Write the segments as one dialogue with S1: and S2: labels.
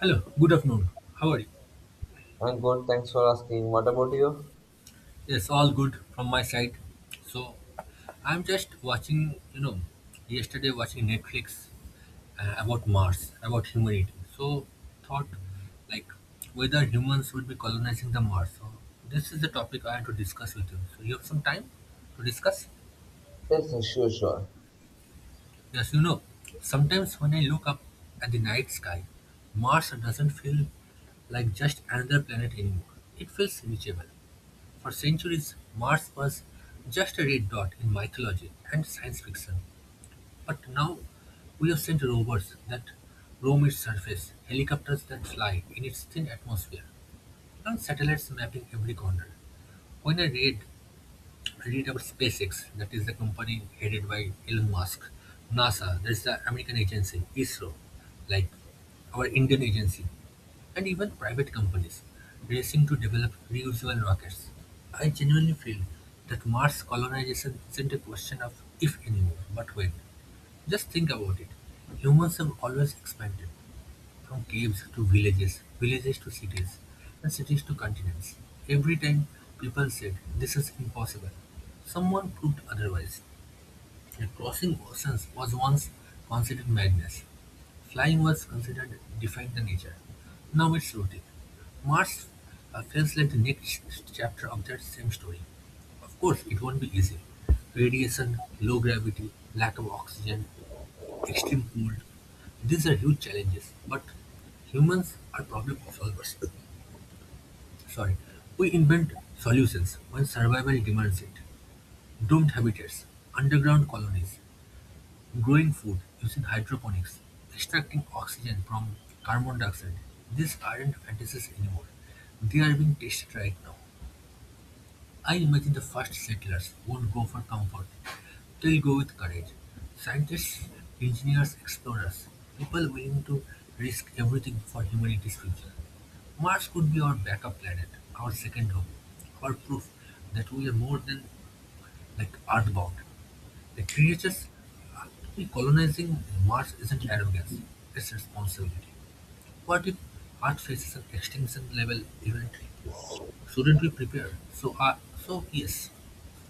S1: Hello, good afternoon. How are you?
S2: I'm good, thanks for asking. What about you?
S1: Yes, all good from my side. So, I'm just watching, you know, yesterday watching Netflix about Mars, about humanity. So, thought like whether humans would be colonizing the Mars. So, this is the topic I want to discuss with you. So, you have some time to discuss?
S2: Yes, yes, sure, sure.
S1: Yes, sometimes when I look up at the night sky, Mars doesn't feel like just another planet anymore. It feels reachable. For centuries, Mars was just a red dot in mythology and science fiction. But now we have sent rovers that roam its surface, helicopters that fly in its thin atmosphere, and satellites mapping every corner. When I read about SpaceX, that is the company headed by Elon Musk. NASA, that's the American agency. ISRO, like our Indian agency. And even private companies racing to develop reusable rockets. I genuinely feel that Mars colonization isn't a question of if anymore, but when. Just think about it. Humans have always expanded. From caves to villages, villages to cities, and cities to continents. Every time people said, "This is impossible," someone proved otherwise. And crossing oceans was once considered madness. Flying was considered defying the nature. Now it's routine. Mars feels like the next chapter of that same story. Of course, it won't be easy. Radiation, low gravity, lack of oxygen, extreme cold. These are huge challenges, but humans are problem solvers. Sorry, we invent solutions when survival demands it. Doomed habitats, underground colonies, growing food using hydroponics, extracting oxygen from carbon dioxide. These aren't fantasies anymore. They are being tested right now. I imagine the first settlers won't go for comfort. They'll go with courage. Scientists, engineers, explorers, people willing to risk everything for humanity's future. Mars could be our backup planet, our second home, our proof that we are more than like earthbound. The creatures actually colonizing Mars isn't arrogance, it's responsibility. What if Earth faces an extinction level event? Shouldn't we prepare? So yes,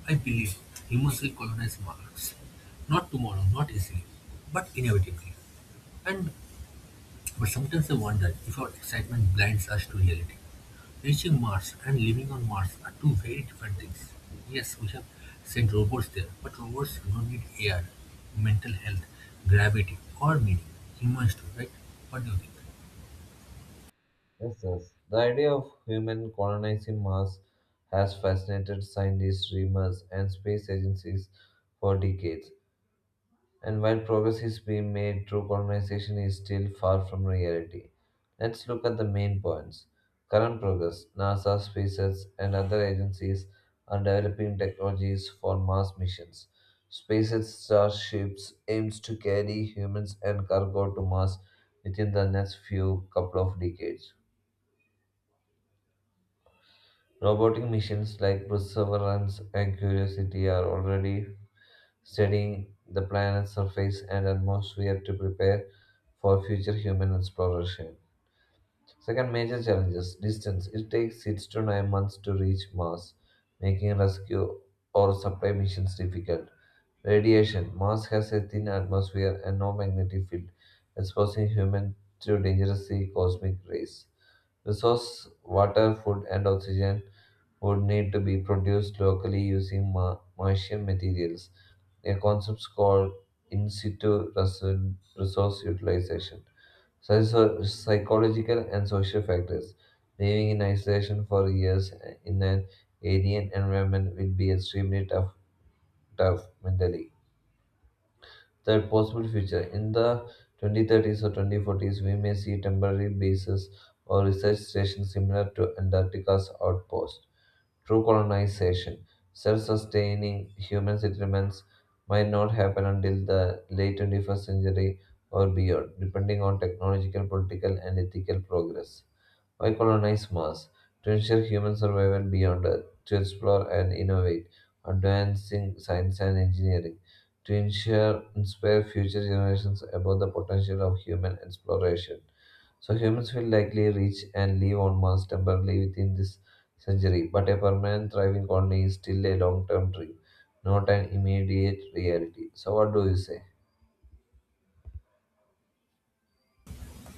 S1: I believe humans will colonize Mars. Not tomorrow, not easily, but inevitably. And but sometimes I wonder if our excitement blinds us to reality. Reaching Mars and living on Mars are two very different things. Yes, we have sent robots there, but robots don't need air, mental health, gravity, or meaning. Humans do, right? What do you think?
S2: Yes, yes. The idea of human colonizing Mars has fascinated scientists, dreamers, and space agencies for decades. And while progress is being made, true colonization is still far from reality. Let's look at the main points. Current progress: NASA, SpaceX, and other agencies are developing technologies for Mars missions. SpaceX Starships aims to carry humans and cargo to Mars within the next few couple of decades. Robotic missions like Perseverance and Curiosity are already studying the planet's surface and atmosphere to prepare for future human exploration. Second, major challenges: distance. It takes 6 to 9 months to reach Mars, making rescue or supply missions difficult. Radiation. Mars has a thin atmosphere and no magnetic field, exposing humans to dangerous cosmic rays. Resource: water, food, and oxygen would need to be produced locally using Martian materials, a concept called in situ resource utilization. Such so psychological and social factors. Living in isolation for years in an alien environment will be extremely tough mentally. Third, possible future: in the 2030s or 2040s, we may see temporary bases or research stations similar to Antarctica's outpost. True colonization, self sustaining human settlements, might not happen until the late 21st century or beyond, depending on technological, political, and ethical progress. Why colonize Mars? To ensure human survival beyond Earth, to explore and innovate, advancing science and engineering, to ensure inspire future generations about the potential of human exploration. So humans will likely reach and live on Mars temporarily within this century, but a permanent thriving colony is still a long-term dream, not an immediate reality. So what do you say?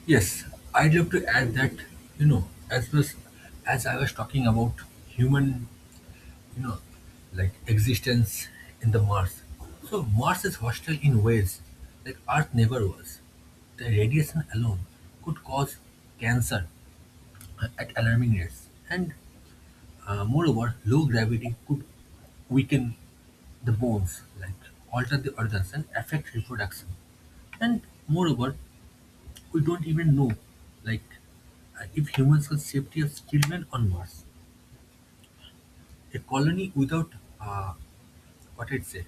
S1: Yes, I'd love to add that, you know, as I was talking about human, you know, like existence in the Mars. So Mars is hostile in ways like Earth never was. The radiation alone could cause cancer at alarming rates, and moreover, low gravity could weaken the bones, like alter the organs and affect reproduction. And moreover, we don't even know, like, if humans could safety of children on Mars. A colony without, uh, what I'd say,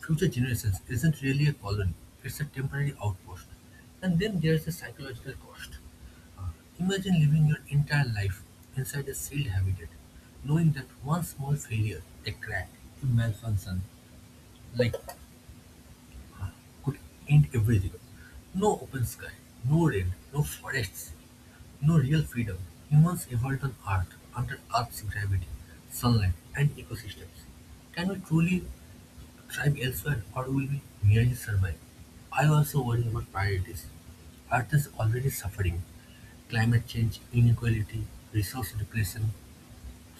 S1: future generations isn't really a colony. It's a temporary outpost. And then there's the psychological cost. Uh, imagine living your entire life inside a sealed habitat, knowing that one small failure, a crack, a malfunction, like, could end everything. No open sky, no rain, no forests, no real freedom. Humans evolved on Earth under Earth's gravity, sunlight, and ecosystems. Can we truly thrive elsewhere, or will we merely survive? I also worry about priorities. Earth is already suffering. Climate change, inequality, resource depletion,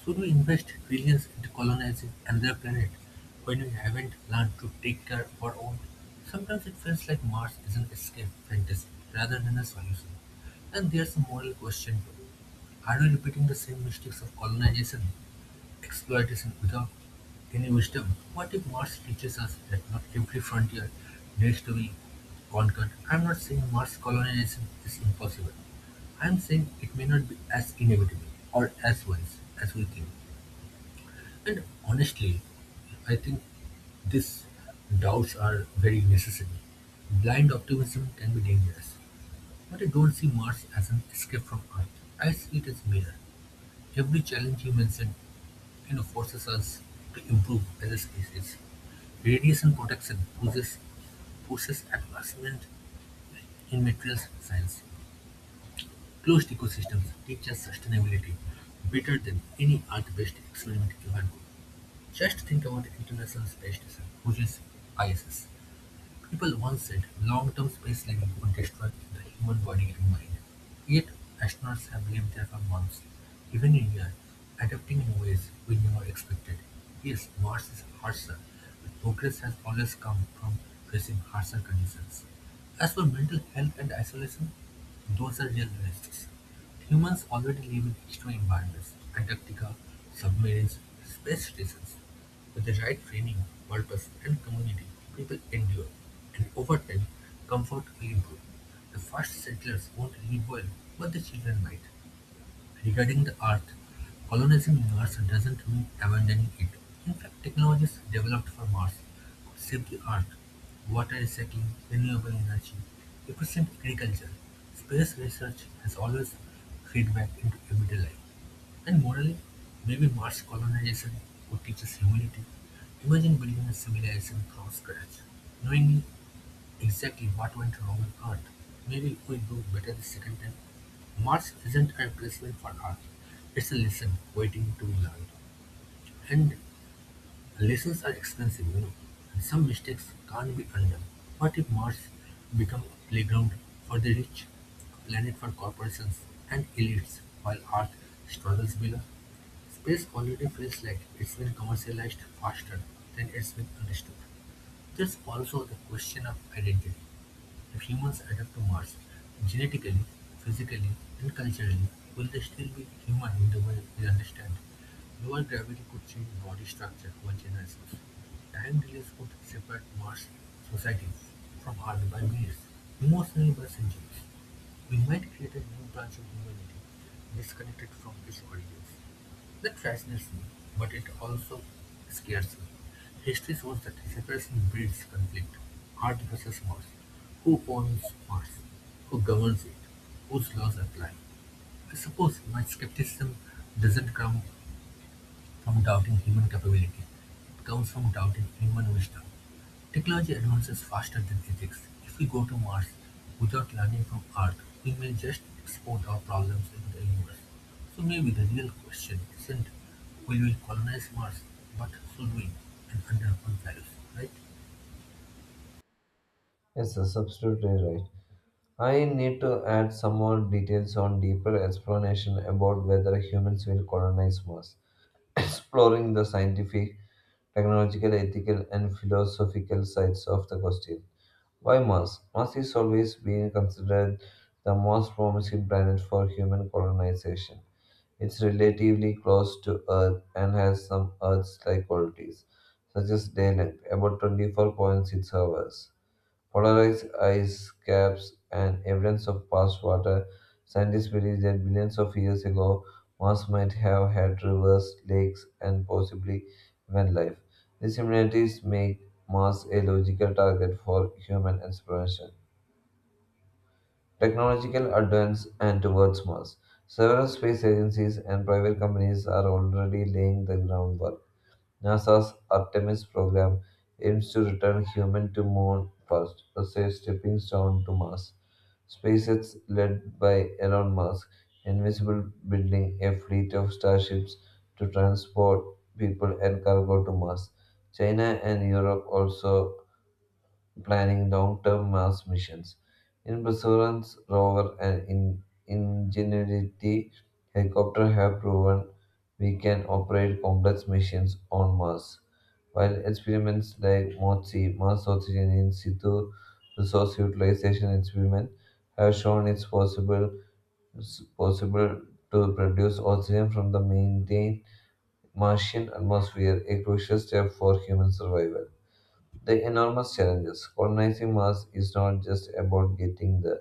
S1: should we invest trillions into colonizing another planet when we haven't learned to take care of our own? Sometimes it feels like Mars is an escape fantasy rather than a solution. And there's a moral question too. Are we repeating the same mistakes of colonization? Exploitation without any wisdom? What if Mars teaches us that not every frontier needs to be conquered? I'm not saying Mars colonization is impossible. I'm saying it may not be as inevitable or as wise as we think. And honestly, I think these doubts are very necessary. Blind optimism can be dangerous, but I don't see Mars as an escape from Earth. I see it as mirror. Every challenge you mentioned, forces us to improve as a species. Radiation protection pushes advancement in materials science. Closed ecosystems teach us sustainability better than any art-based experiment you can do. Just think about the International Space Station, which is ISS. People once said long-term space living would destroy the human body and mind. Yet, astronauts have lived there for months, even a year, adapting in ways we never expected. Yes, Mars is harsher, but progress has always come from facing harsher conditions. As for mental health and isolation, those are real risks. Humans already live in extreme environments: Antarctica, submarines, space stations. With the right training, purpose, and community, people endure, and over time, comfort will improve. The first settlers won't live well, but the children might. Regarding the Earth, colonizing Mars doesn't mean abandoning it. In fact, technologies developed for Mars could save the Earth. Water recycling, renewable energy, efficient agriculture, space research has always feedback into everyday life. And morally, maybe Mars colonization could teach us humility. Imagine building a civilization from scratch, knowing exactly what went wrong on Earth. Maybe we do better the second time. Mars isn't a replacement for Earth, it's a lesson waiting to be learned. And lessons are expensive, and some mistakes can't be undone. What if Mars become a playground for the rich, a planet for corporations and elites, while Earth struggles below? Space already feels like it's been commercialized faster than it's been understood. There's also the question of identity: if humans adapt to Mars genetically, physically, and culturally, will they still be human in the way we understand? Lower gravity could change body structure over generations. Time delays could separate Mars societies from Earth by years, emotionally by centuries. We might create a new branch of humanity, disconnected from its origins. That fascinates me, but it also scares me. History shows that separation breeds conflict. Art versus Mars. Who owns Mars? Who governs it? Whose laws apply? I suppose my skepticism doesn't come from doubting human capability. It comes from doubting human wisdom. Technology advances faster than physics. If we go to Mars without learning from Earth, we may just export our problems into the universe. So maybe the real question isn't will we colonize Mars, but should we, and under what values, right?
S2: Yes, sir, absolutely right. I need to add some more details on deeper explanation about whether humans will colonize Mars, exploring the scientific, technological, ethical, and philosophical sides of the question. Why Mars? Mars is always been considered the most promising planet for human colonization. It's relatively close to Earth and has some Earth-like qualities, such as day length, about 24.6 hours, polarized ice caps, and evidence of past water. Scientists believe that billions of years ago, Mars might have had rivers, lakes, and possibly even life. These similarities make Mars a logical target for human exploration. Technological advance and towards Mars. Several space agencies and private companies are already laying the groundwork. NASA's Artemis program aims to return humans to moon first, a safe stepping stone to Mars. SpaceX, led by Elon Musk, envisages building a fleet of starships to transport people and cargo to Mars. China and Europe also planning long-term Mars missions. In Perseverance rover and in Ingenuity helicopter have proven we can operate complex missions on Mars, while experiments like MOTSI, Mars Oxygen In Situ Resource Utilization Experiment, have shown it's possible to produce oxygen from the maintained Martian atmosphere, a crucial step for human survival. The enormous challenges. Colonizing Mars is not just about getting there,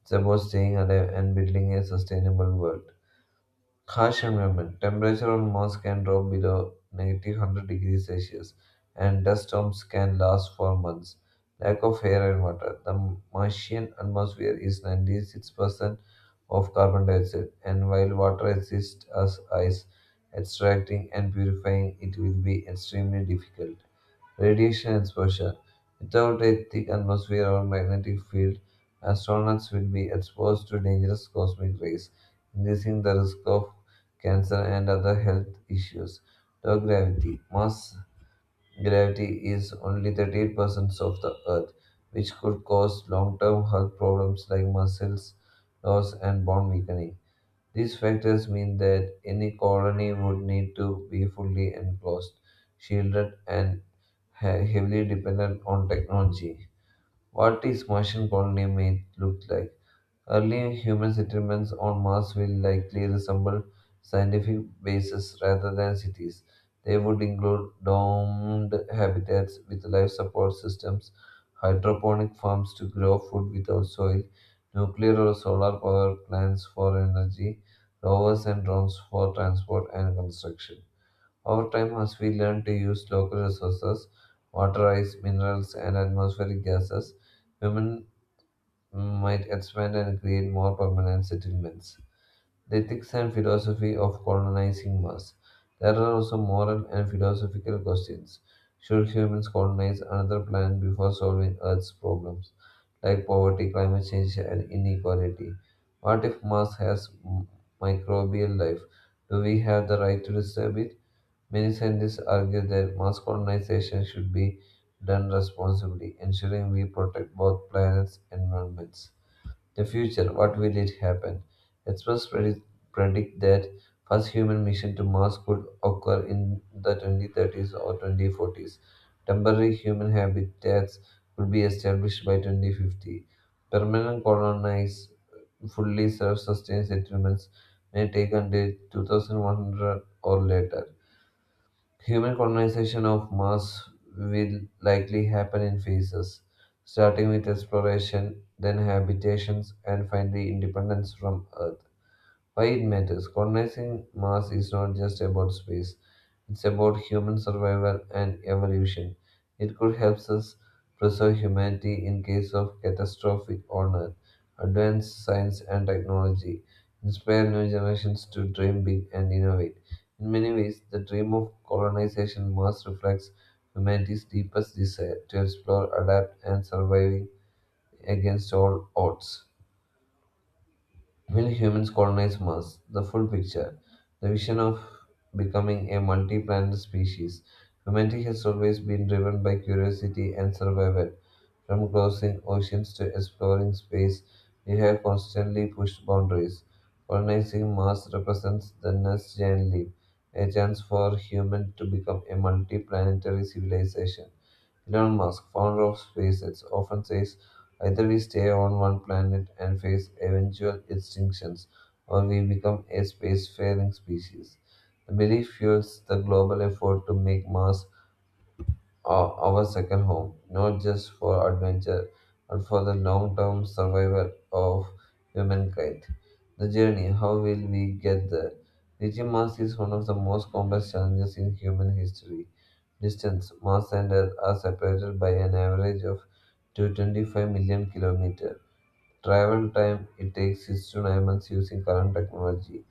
S2: it's about staying alive and building a sustainable world. Harsh environment. Temperature on Mars can drop below negative 100 degrees Celsius, and dust storms can last for months. Lack of air and water. The Martian atmosphere is 96% of carbon dioxide, and while water exists as ice, extracting and purifying it will be extremely difficult. Radiation exposure. Without a thick atmosphere or magnetic field, astronauts will be exposed to dangerous cosmic rays, increasing the risk of cancer and other health issues. Low gravity. Mars gravity is only 38% of the Earth, which could cause long term health problems like muscles loss and bone weakening. These factors mean that any colony would need to be fully enclosed, shielded, and heavily dependent on technology. What is Martian colony may look like? Early human settlements on Mars will likely resemble scientific bases rather than cities. They would include domed habitats with life support systems, hydroponic farms to grow food without soil, nuclear or solar power plants for energy, rovers and drones for transport and construction. Over time, as we learn to use local resources, water, ice, minerals, and atmospheric gases, women might expand and create more permanent settlements. The ethics and philosophy of colonizing Mars. There are also moral and philosophical questions. Should humans colonize another planet before solving Earth's problems, like poverty, climate change, and inequality? What if Mars has microbial life? Do we have the right to disturb it? Many scientists argue that Mars colonization should be done responsibly, ensuring we protect both planets' environments. The future, what will it happen? Experts predict that first human mission to Mars could occur in the 2030s or 2040s. Temporary human habitats could be established by 2050. Permanent colonized, fully self-sustained settlements may take until 2100 or later. Human colonization of Mars will likely happen in phases, starting with exploration, then habitations, and finally independence from Earth. Why it matters? Colonizing Mars is not just about space, it's about human survival and evolution. It could help us preserve humanity in case of catastrophic on Earth, advance science and technology, inspire new generations to dream big and innovate. In many ways, the dream of colonization Mars reflects humanity's deepest desire to explore, adapt, and survive against all odds. Will humans colonize Mars? The full picture. The vision of becoming a multi planet species. Humanity has always been driven by curiosity and survival. From crossing oceans to exploring space, we have constantly pushed boundaries. Colonizing Mars represents the next giant leap, a chance for human to become a multi planetary civilization. Elon Musk, founder of SpaceX, often says either we stay on one planet and face eventual extinctions, or we become a spacefaring species. The belief fuels the global effort to make Mars are our second home, not just for adventure, but for the long term survival of humankind. The journey, how will we get there? Reaching Mars is one of the most complex challenges in human history. Distance: Mars and Earth are separated by an average of 225 million kilometers. Travel time: it takes 6 to 9 months using current technology.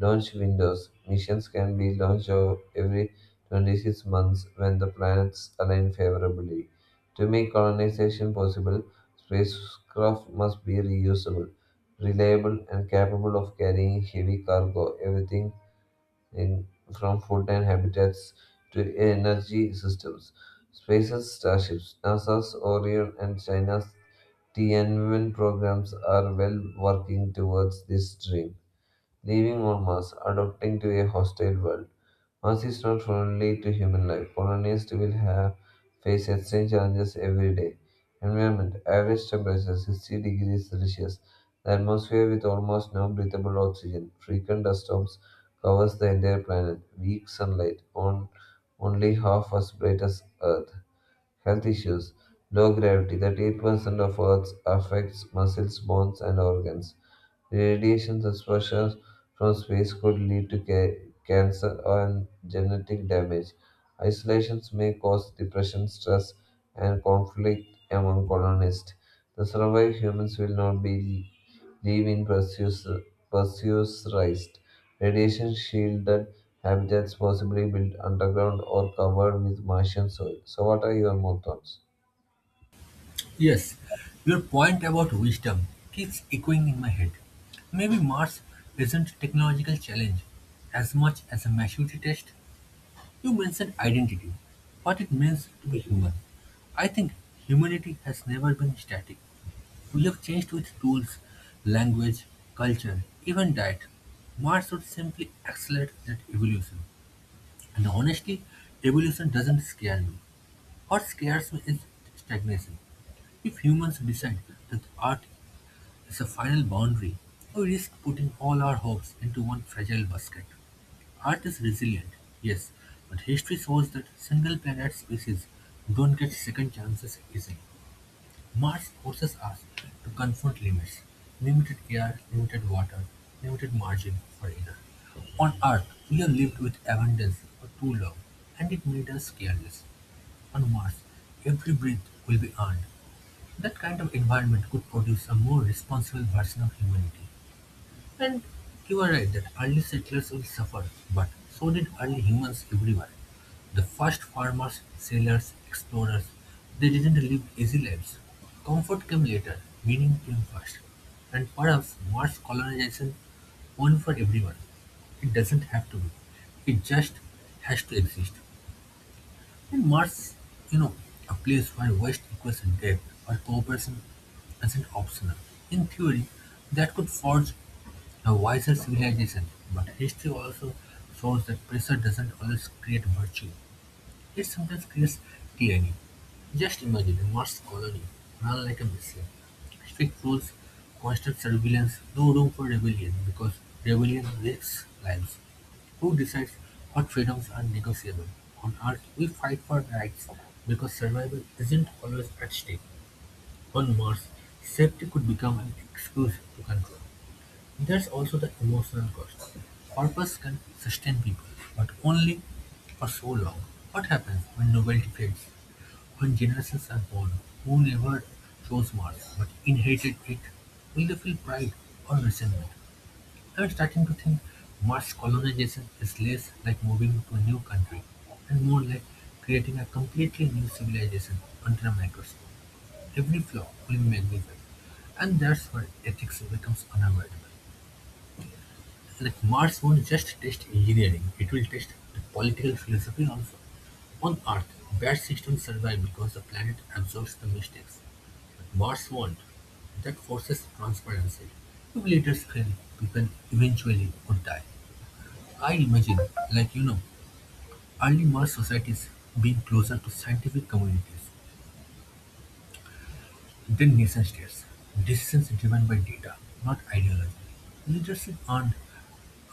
S2: Launch windows. Missions can be every 26 months when the planets align favorably. To make colonization possible, spacecraft must be reusable, reliable, and capable of carrying heavy cargo. Everything in, from food and habitats to energy systems. Space's starships, NASA's Orion, and China's Tianwen programs are well working towards this dream. Living on Mars, adapting to a hostile world. Earth is not friendly to human life. Colonists will have face extreme challenges every day. Environment average temperature 60 degrees Celsius. The atmosphere with almost no breathable oxygen. Frequent dust storms covers the entire planet. Weak sunlight on only half as bright as Earth. Health issues low gravity, 38% of Earth affects muscles, bones, and organs. Radiation exposure from space could lead to cancer and genetic damage. Isolations may cause depression, stress, and conflict among colonists. The survived humans will not be live in pressurized, radiation shielded habitats, possibly built underground or covered with Martian soil. So, what are your more thoughts?
S1: Yes, your point about wisdom keeps echoing in my head. Maybe Mars isn't technological challenge as much as a maturity test. You mentioned identity, what it means to be human. I think humanity has never been static. We have changed with tools, language, culture, even diet. Mars would simply accelerate that evolution. And honestly, evolution doesn't scare me. What scares me is stagnation. If humans decide that art as a final boundary, we risk putting all our hopes into one fragile basket. Earth is resilient, yes, but history shows that single planet species don't get second chances easily. Mars forces us to confront limits, limited air, limited water, limited margin for error. On Earth, we have lived with abundance for too long, and it made us careless. On Mars, every breath will be earned. That kind of environment could produce a more responsible version of humanity. And you are right that early settlers will suffer, but so did early humans everywhere. The first farmers, sailors, explorers, they didn't live easy lives. Comfort came later, meaning came first. And perhaps Mars colonization will for everyone. It doesn't have to be. It just has to exist. And Mars, you know, a place where waste equals depth, where cooperation isn't optional. In theory, that could forge a wiser civilization, but history also shows that pressure doesn't always create virtue. It sometimes creates tyranny. Just imagine a Mars colony run like a machine. Strict rules, constant surveillance, no room for rebellion because rebellion risks lives. Who decides what freedoms are negotiable? On Earth, we fight for rights because survival isn't always at stake. On Mars, safety could become an excuse to control. There's also the emotional cost. Purpose can sustain people, but only for so long. What happens when novelty fades? When generations are born who never chose Mars but inherited it? Will they feel pride or resentment? I'm starting to think Mars colonization is less like moving to a new country and more like creating a completely new civilization under a microscope. Every flaw will be magnified. And that's where ethics becomes unavoidable. Like Mars won't just test engineering, it will test the political philosophy also. On Earth, bad systems survive because the planet absorbs the mistakes, but Mars won't. That forces transparency. If leaders fail, people eventually would die. I imagine, like early Mars societies being closer to scientific communities. Then nation states, decisions driven by data, not ideology. Leadership earned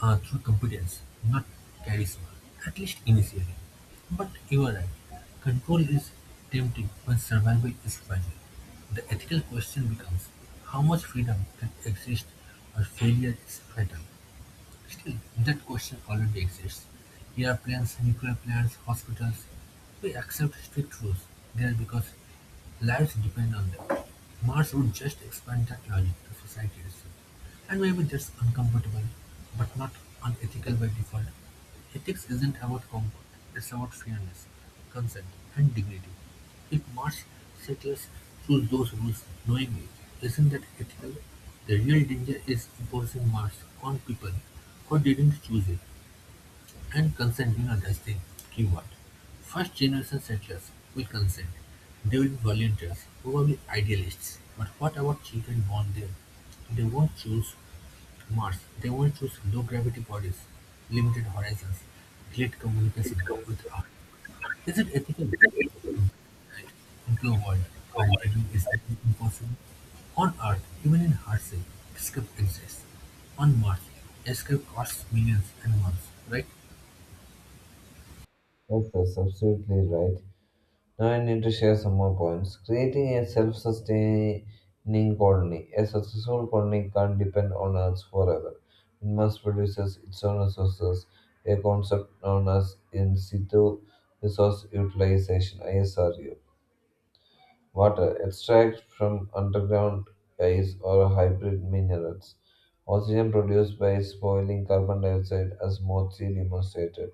S1: through competence, not charisma, at least initially. But you are right, control is tempting when survival is fragile. The ethical question becomes how much freedom can exist or failure is fatal. Still, that question already exists. Airplanes, nuclear plants, hospitals. We accept strict rules there because lives depend on them. Mars would just expand that logic to society itself. And maybe that's uncomfortable, but not unethical by default. Ethics isn't about comfort, it's about fairness, consent, and dignity. If Mars settlers choose those rules knowingly, isn't that ethical? The real danger is imposing Mars on people who didn't choose it. And consent, that's the keyword. First generation settlers will consent. They will be volunteers, probably idealists. But what about children born there? They won't choose Mars. They won't choose low gravity bodies, limited horizons, delayed communication with Earth. Is it ethical right, into a world where living is nearly impossible? On Earth, even in hardship, escape exists. On Mars, escape costs millions and months, right?
S2: Yes, that's absolutely right. Now, I need to share some more points. Creating a self sustaining colony. A successful colony can't depend on Earth forever. It must produce its own resources, a concept known as in situ resource utilization (ISRU). Water extract from underground ice or hybrid minerals. Oxygen produced by spoiling carbon dioxide, as Mozzi demonstrated.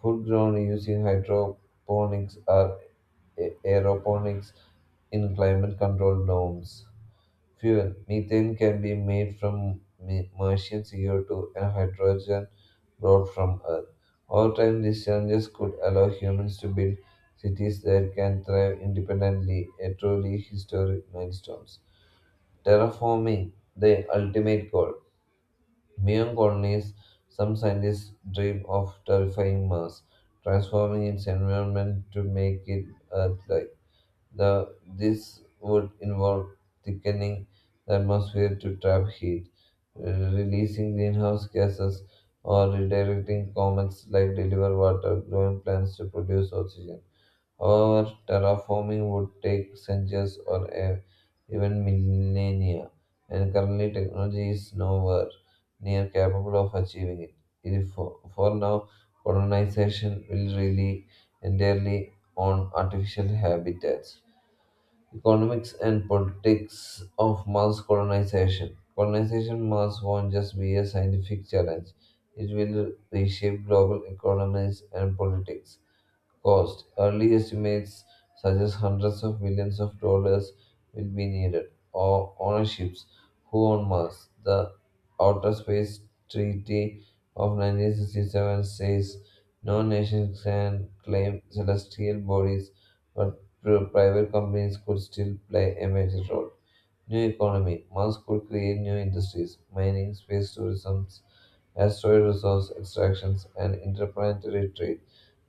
S2: Food grown using hydroponics or aeroponics in climate controlled domes fuel. Methane can be made from Martian CO2 and hydrogen brought from Earth. Over time, these challenges could allow humans to build cities that can thrive independently, a truly historic milestone. Terraforming, the ultimate goal. Beyond colonies, some scientists dream of terrifying Mars, transforming its environment to make it Earth-like. The, this would involve thickening the atmosphere to trap heat, releasing greenhouse gases, or redirecting comets like deliver water growing plants to produce oxygen. However, terraforming would take centuries or even millennia, and currently technology is nowhere near capable of achieving it. If for, for now, colonization will rely entirely on artificial habitats economics and politics of mass colonization. Colonization mass won't just be a scientific challenge, it will reshape global economies and politics cost. Early estimates suggest hundreds of millions of dollars will be needed. Or ownerships who own Mars? The Outer Space Treaty of 1967 says no nation can claim celestial bodies, but private companies could still play a major role. New economy. Mars could create new industries, mining, space tourism, asteroid resource extractions, and interplanetary trade.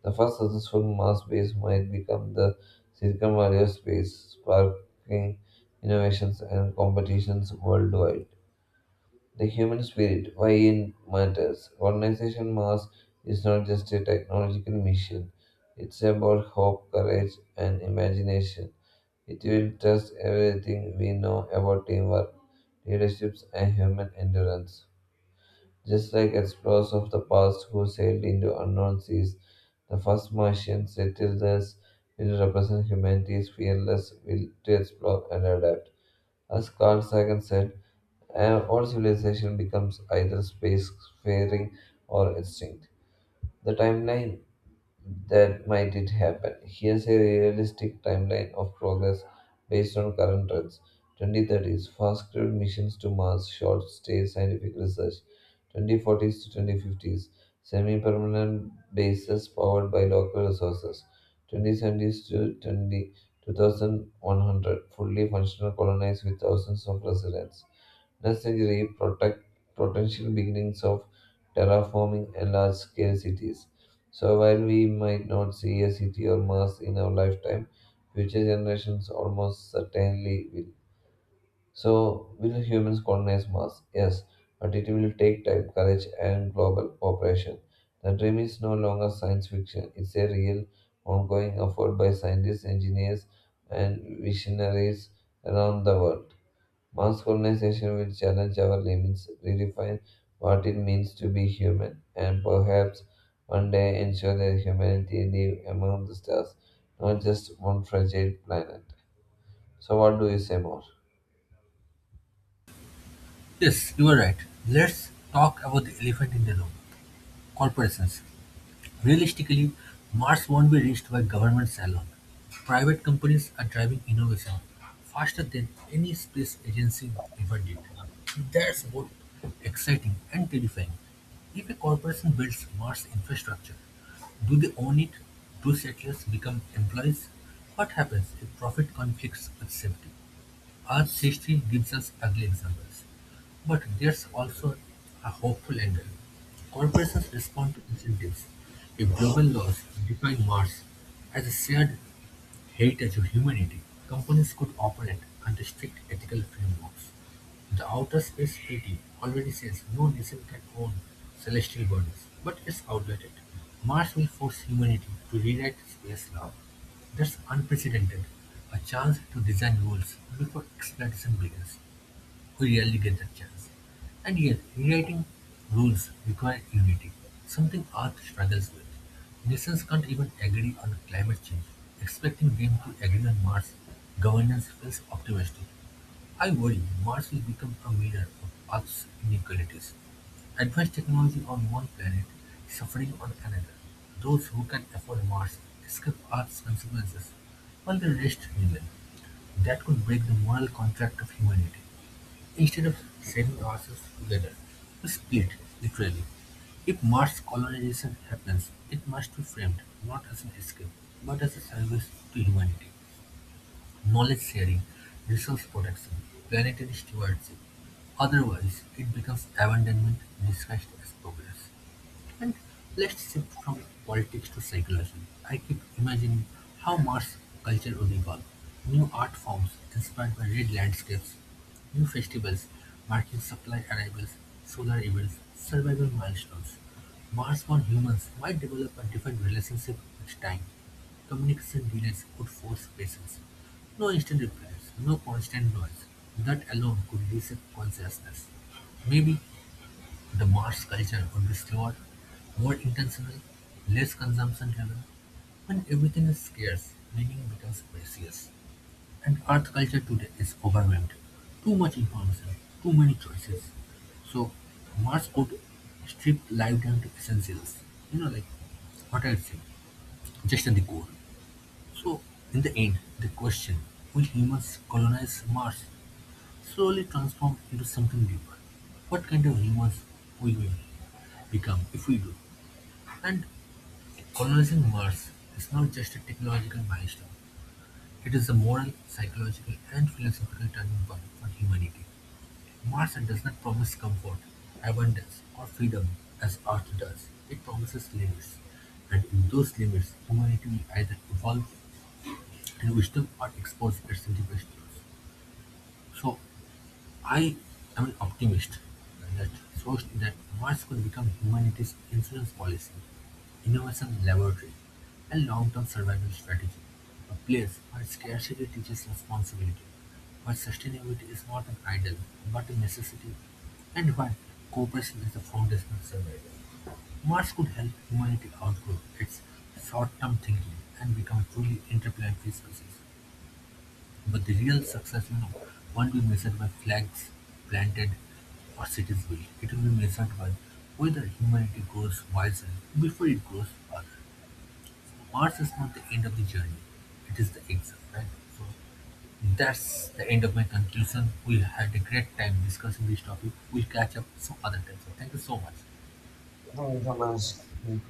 S2: The first successful Mars-based might become the Silicon Valley of space, sparking innovations and competitions worldwide. The human spirit, why it matters. Colonization Mars is not just a technological mission, it's about hope, courage, and imagination. It will test everything we know about teamwork, leaderships, and human endurance. Just like explorers of the past who sailed into unknown seas, the first Martian settlers will represent humanity's fearless will to explore and adapt. As Carl Sagan said, "And all civilization becomes either spacefaring or extinct." The timeline that might it happen. Here's a realistic timeline of progress based on current trends. 2030s, fast crewed missions to Mars, short stay scientific research. 2040s to 2050s, semi permanent bases powered by local resources. 2070s to 2100, fully functional colonies with thousands of residents. Next century, protect potential beginnings of terraforming and large scale cities. So while we might not see a city or Mars in our lifetime, future generations almost certainly will. So will humans colonize Mars? Yes, but it will take time, courage, and global cooperation. The dream is no longer science fiction; it's a real, ongoing effort by scientists, engineers, and visionaries around the world. Mass colonization will challenge our limits, redefine what it means to be human, and perhaps one day ensure that humanity live among the stars, not just on fragile planet. So, what do you say more?
S1: Yes, you are right. Let's talk about the elephant in the room corporations. Realistically, Mars won't be reached by governments alone. Private companies are driving innovation faster than any space agency ever did. That's both exciting and terrifying. If a corporation builds Mars infrastructure, do they own it? Do settlers become employees? What happens if profit conflicts with safety? Earth's history gives us ugly examples, but there's also a hopeful angle. Corporations respond to incentives. If global laws define Mars as a shared heritage of humanity, companies could operate under strict ethical frameworks. The Outer Space Treaty already says no nation can own celestial bodies, but it's outdated. Mars will force humanity to rewrite space law. That's unprecedented, a chance to design rules before expedition begins. We rarely get that chance. And yet, rewriting rules requires unity, something Earth struggles with. Nations can't even agree on climate change. Expecting them to agree on Mars governance feels optimistic. I worry Mars will become a mirror of Earth's inequalities. Advanced technology on one planet, suffering on another. Those who can afford Mars escape Earth's consequences, while the rest remain. That could break the moral contract of humanity. Instead of saving ourselves together, we split, literally. If Mars colonization happens, it must be framed not as an escape, but as a service to humanity, knowledge sharing, resource protection, planetary stewardship. Otherwise, it becomes abandonment disguised as progress. And let's shift from politics to psychology. I keep imagining how Mars culture would evolve. New art forms inspired by red landscapes, new festivals marking supply arrivals, solar events, survival milestones. Mars-born humans might develop a different relationship with time. Communication delays could force patience. No instant replies, no constant noise. That alone could reset consciousness. Maybe the Mars culture would be slower, more intentional, less consumption-driven. When everything is scarce, meaning becomes precious. And Earth culture today is overwhelmed. Too much information, too many choices. So Mars would strip life down to essentials. Like what I'd say, just at the core. So in the end, the question, will humans colonize Mars slowly transform into something deeper. What kind of humans we will become if we do. And colonizing Mars is not just a technological milestone, it is a moral, psychological, and philosophical turning point for humanity. Mars does not promise comfort, abundance, or freedom as Earth does, it promises limits. And in those limits, humanity will either evolve in wisdom or expose its deepest flaws. So, I am an optimist that shows that Mars could become humanity's insurance policy, innovation laboratory, and long-term survival strategy. A place where scarcity teaches responsibility, where sustainability is not an idol but a necessity, and where cooperation is the foundation of survival. Mars could help humanity outgrow its short-term thinking and become a truly interplanetary species. But the real success, won't be measured by flags planted or cities built. It will be measured by whether humanity grows wiser before it grows farther. So Mars is not the end of the journey; it is the exit, right? So that's the end of my conclusion. We had a great time discussing this topic. We'll catch up some other time. So thank you so much.
S2: Thank you so much.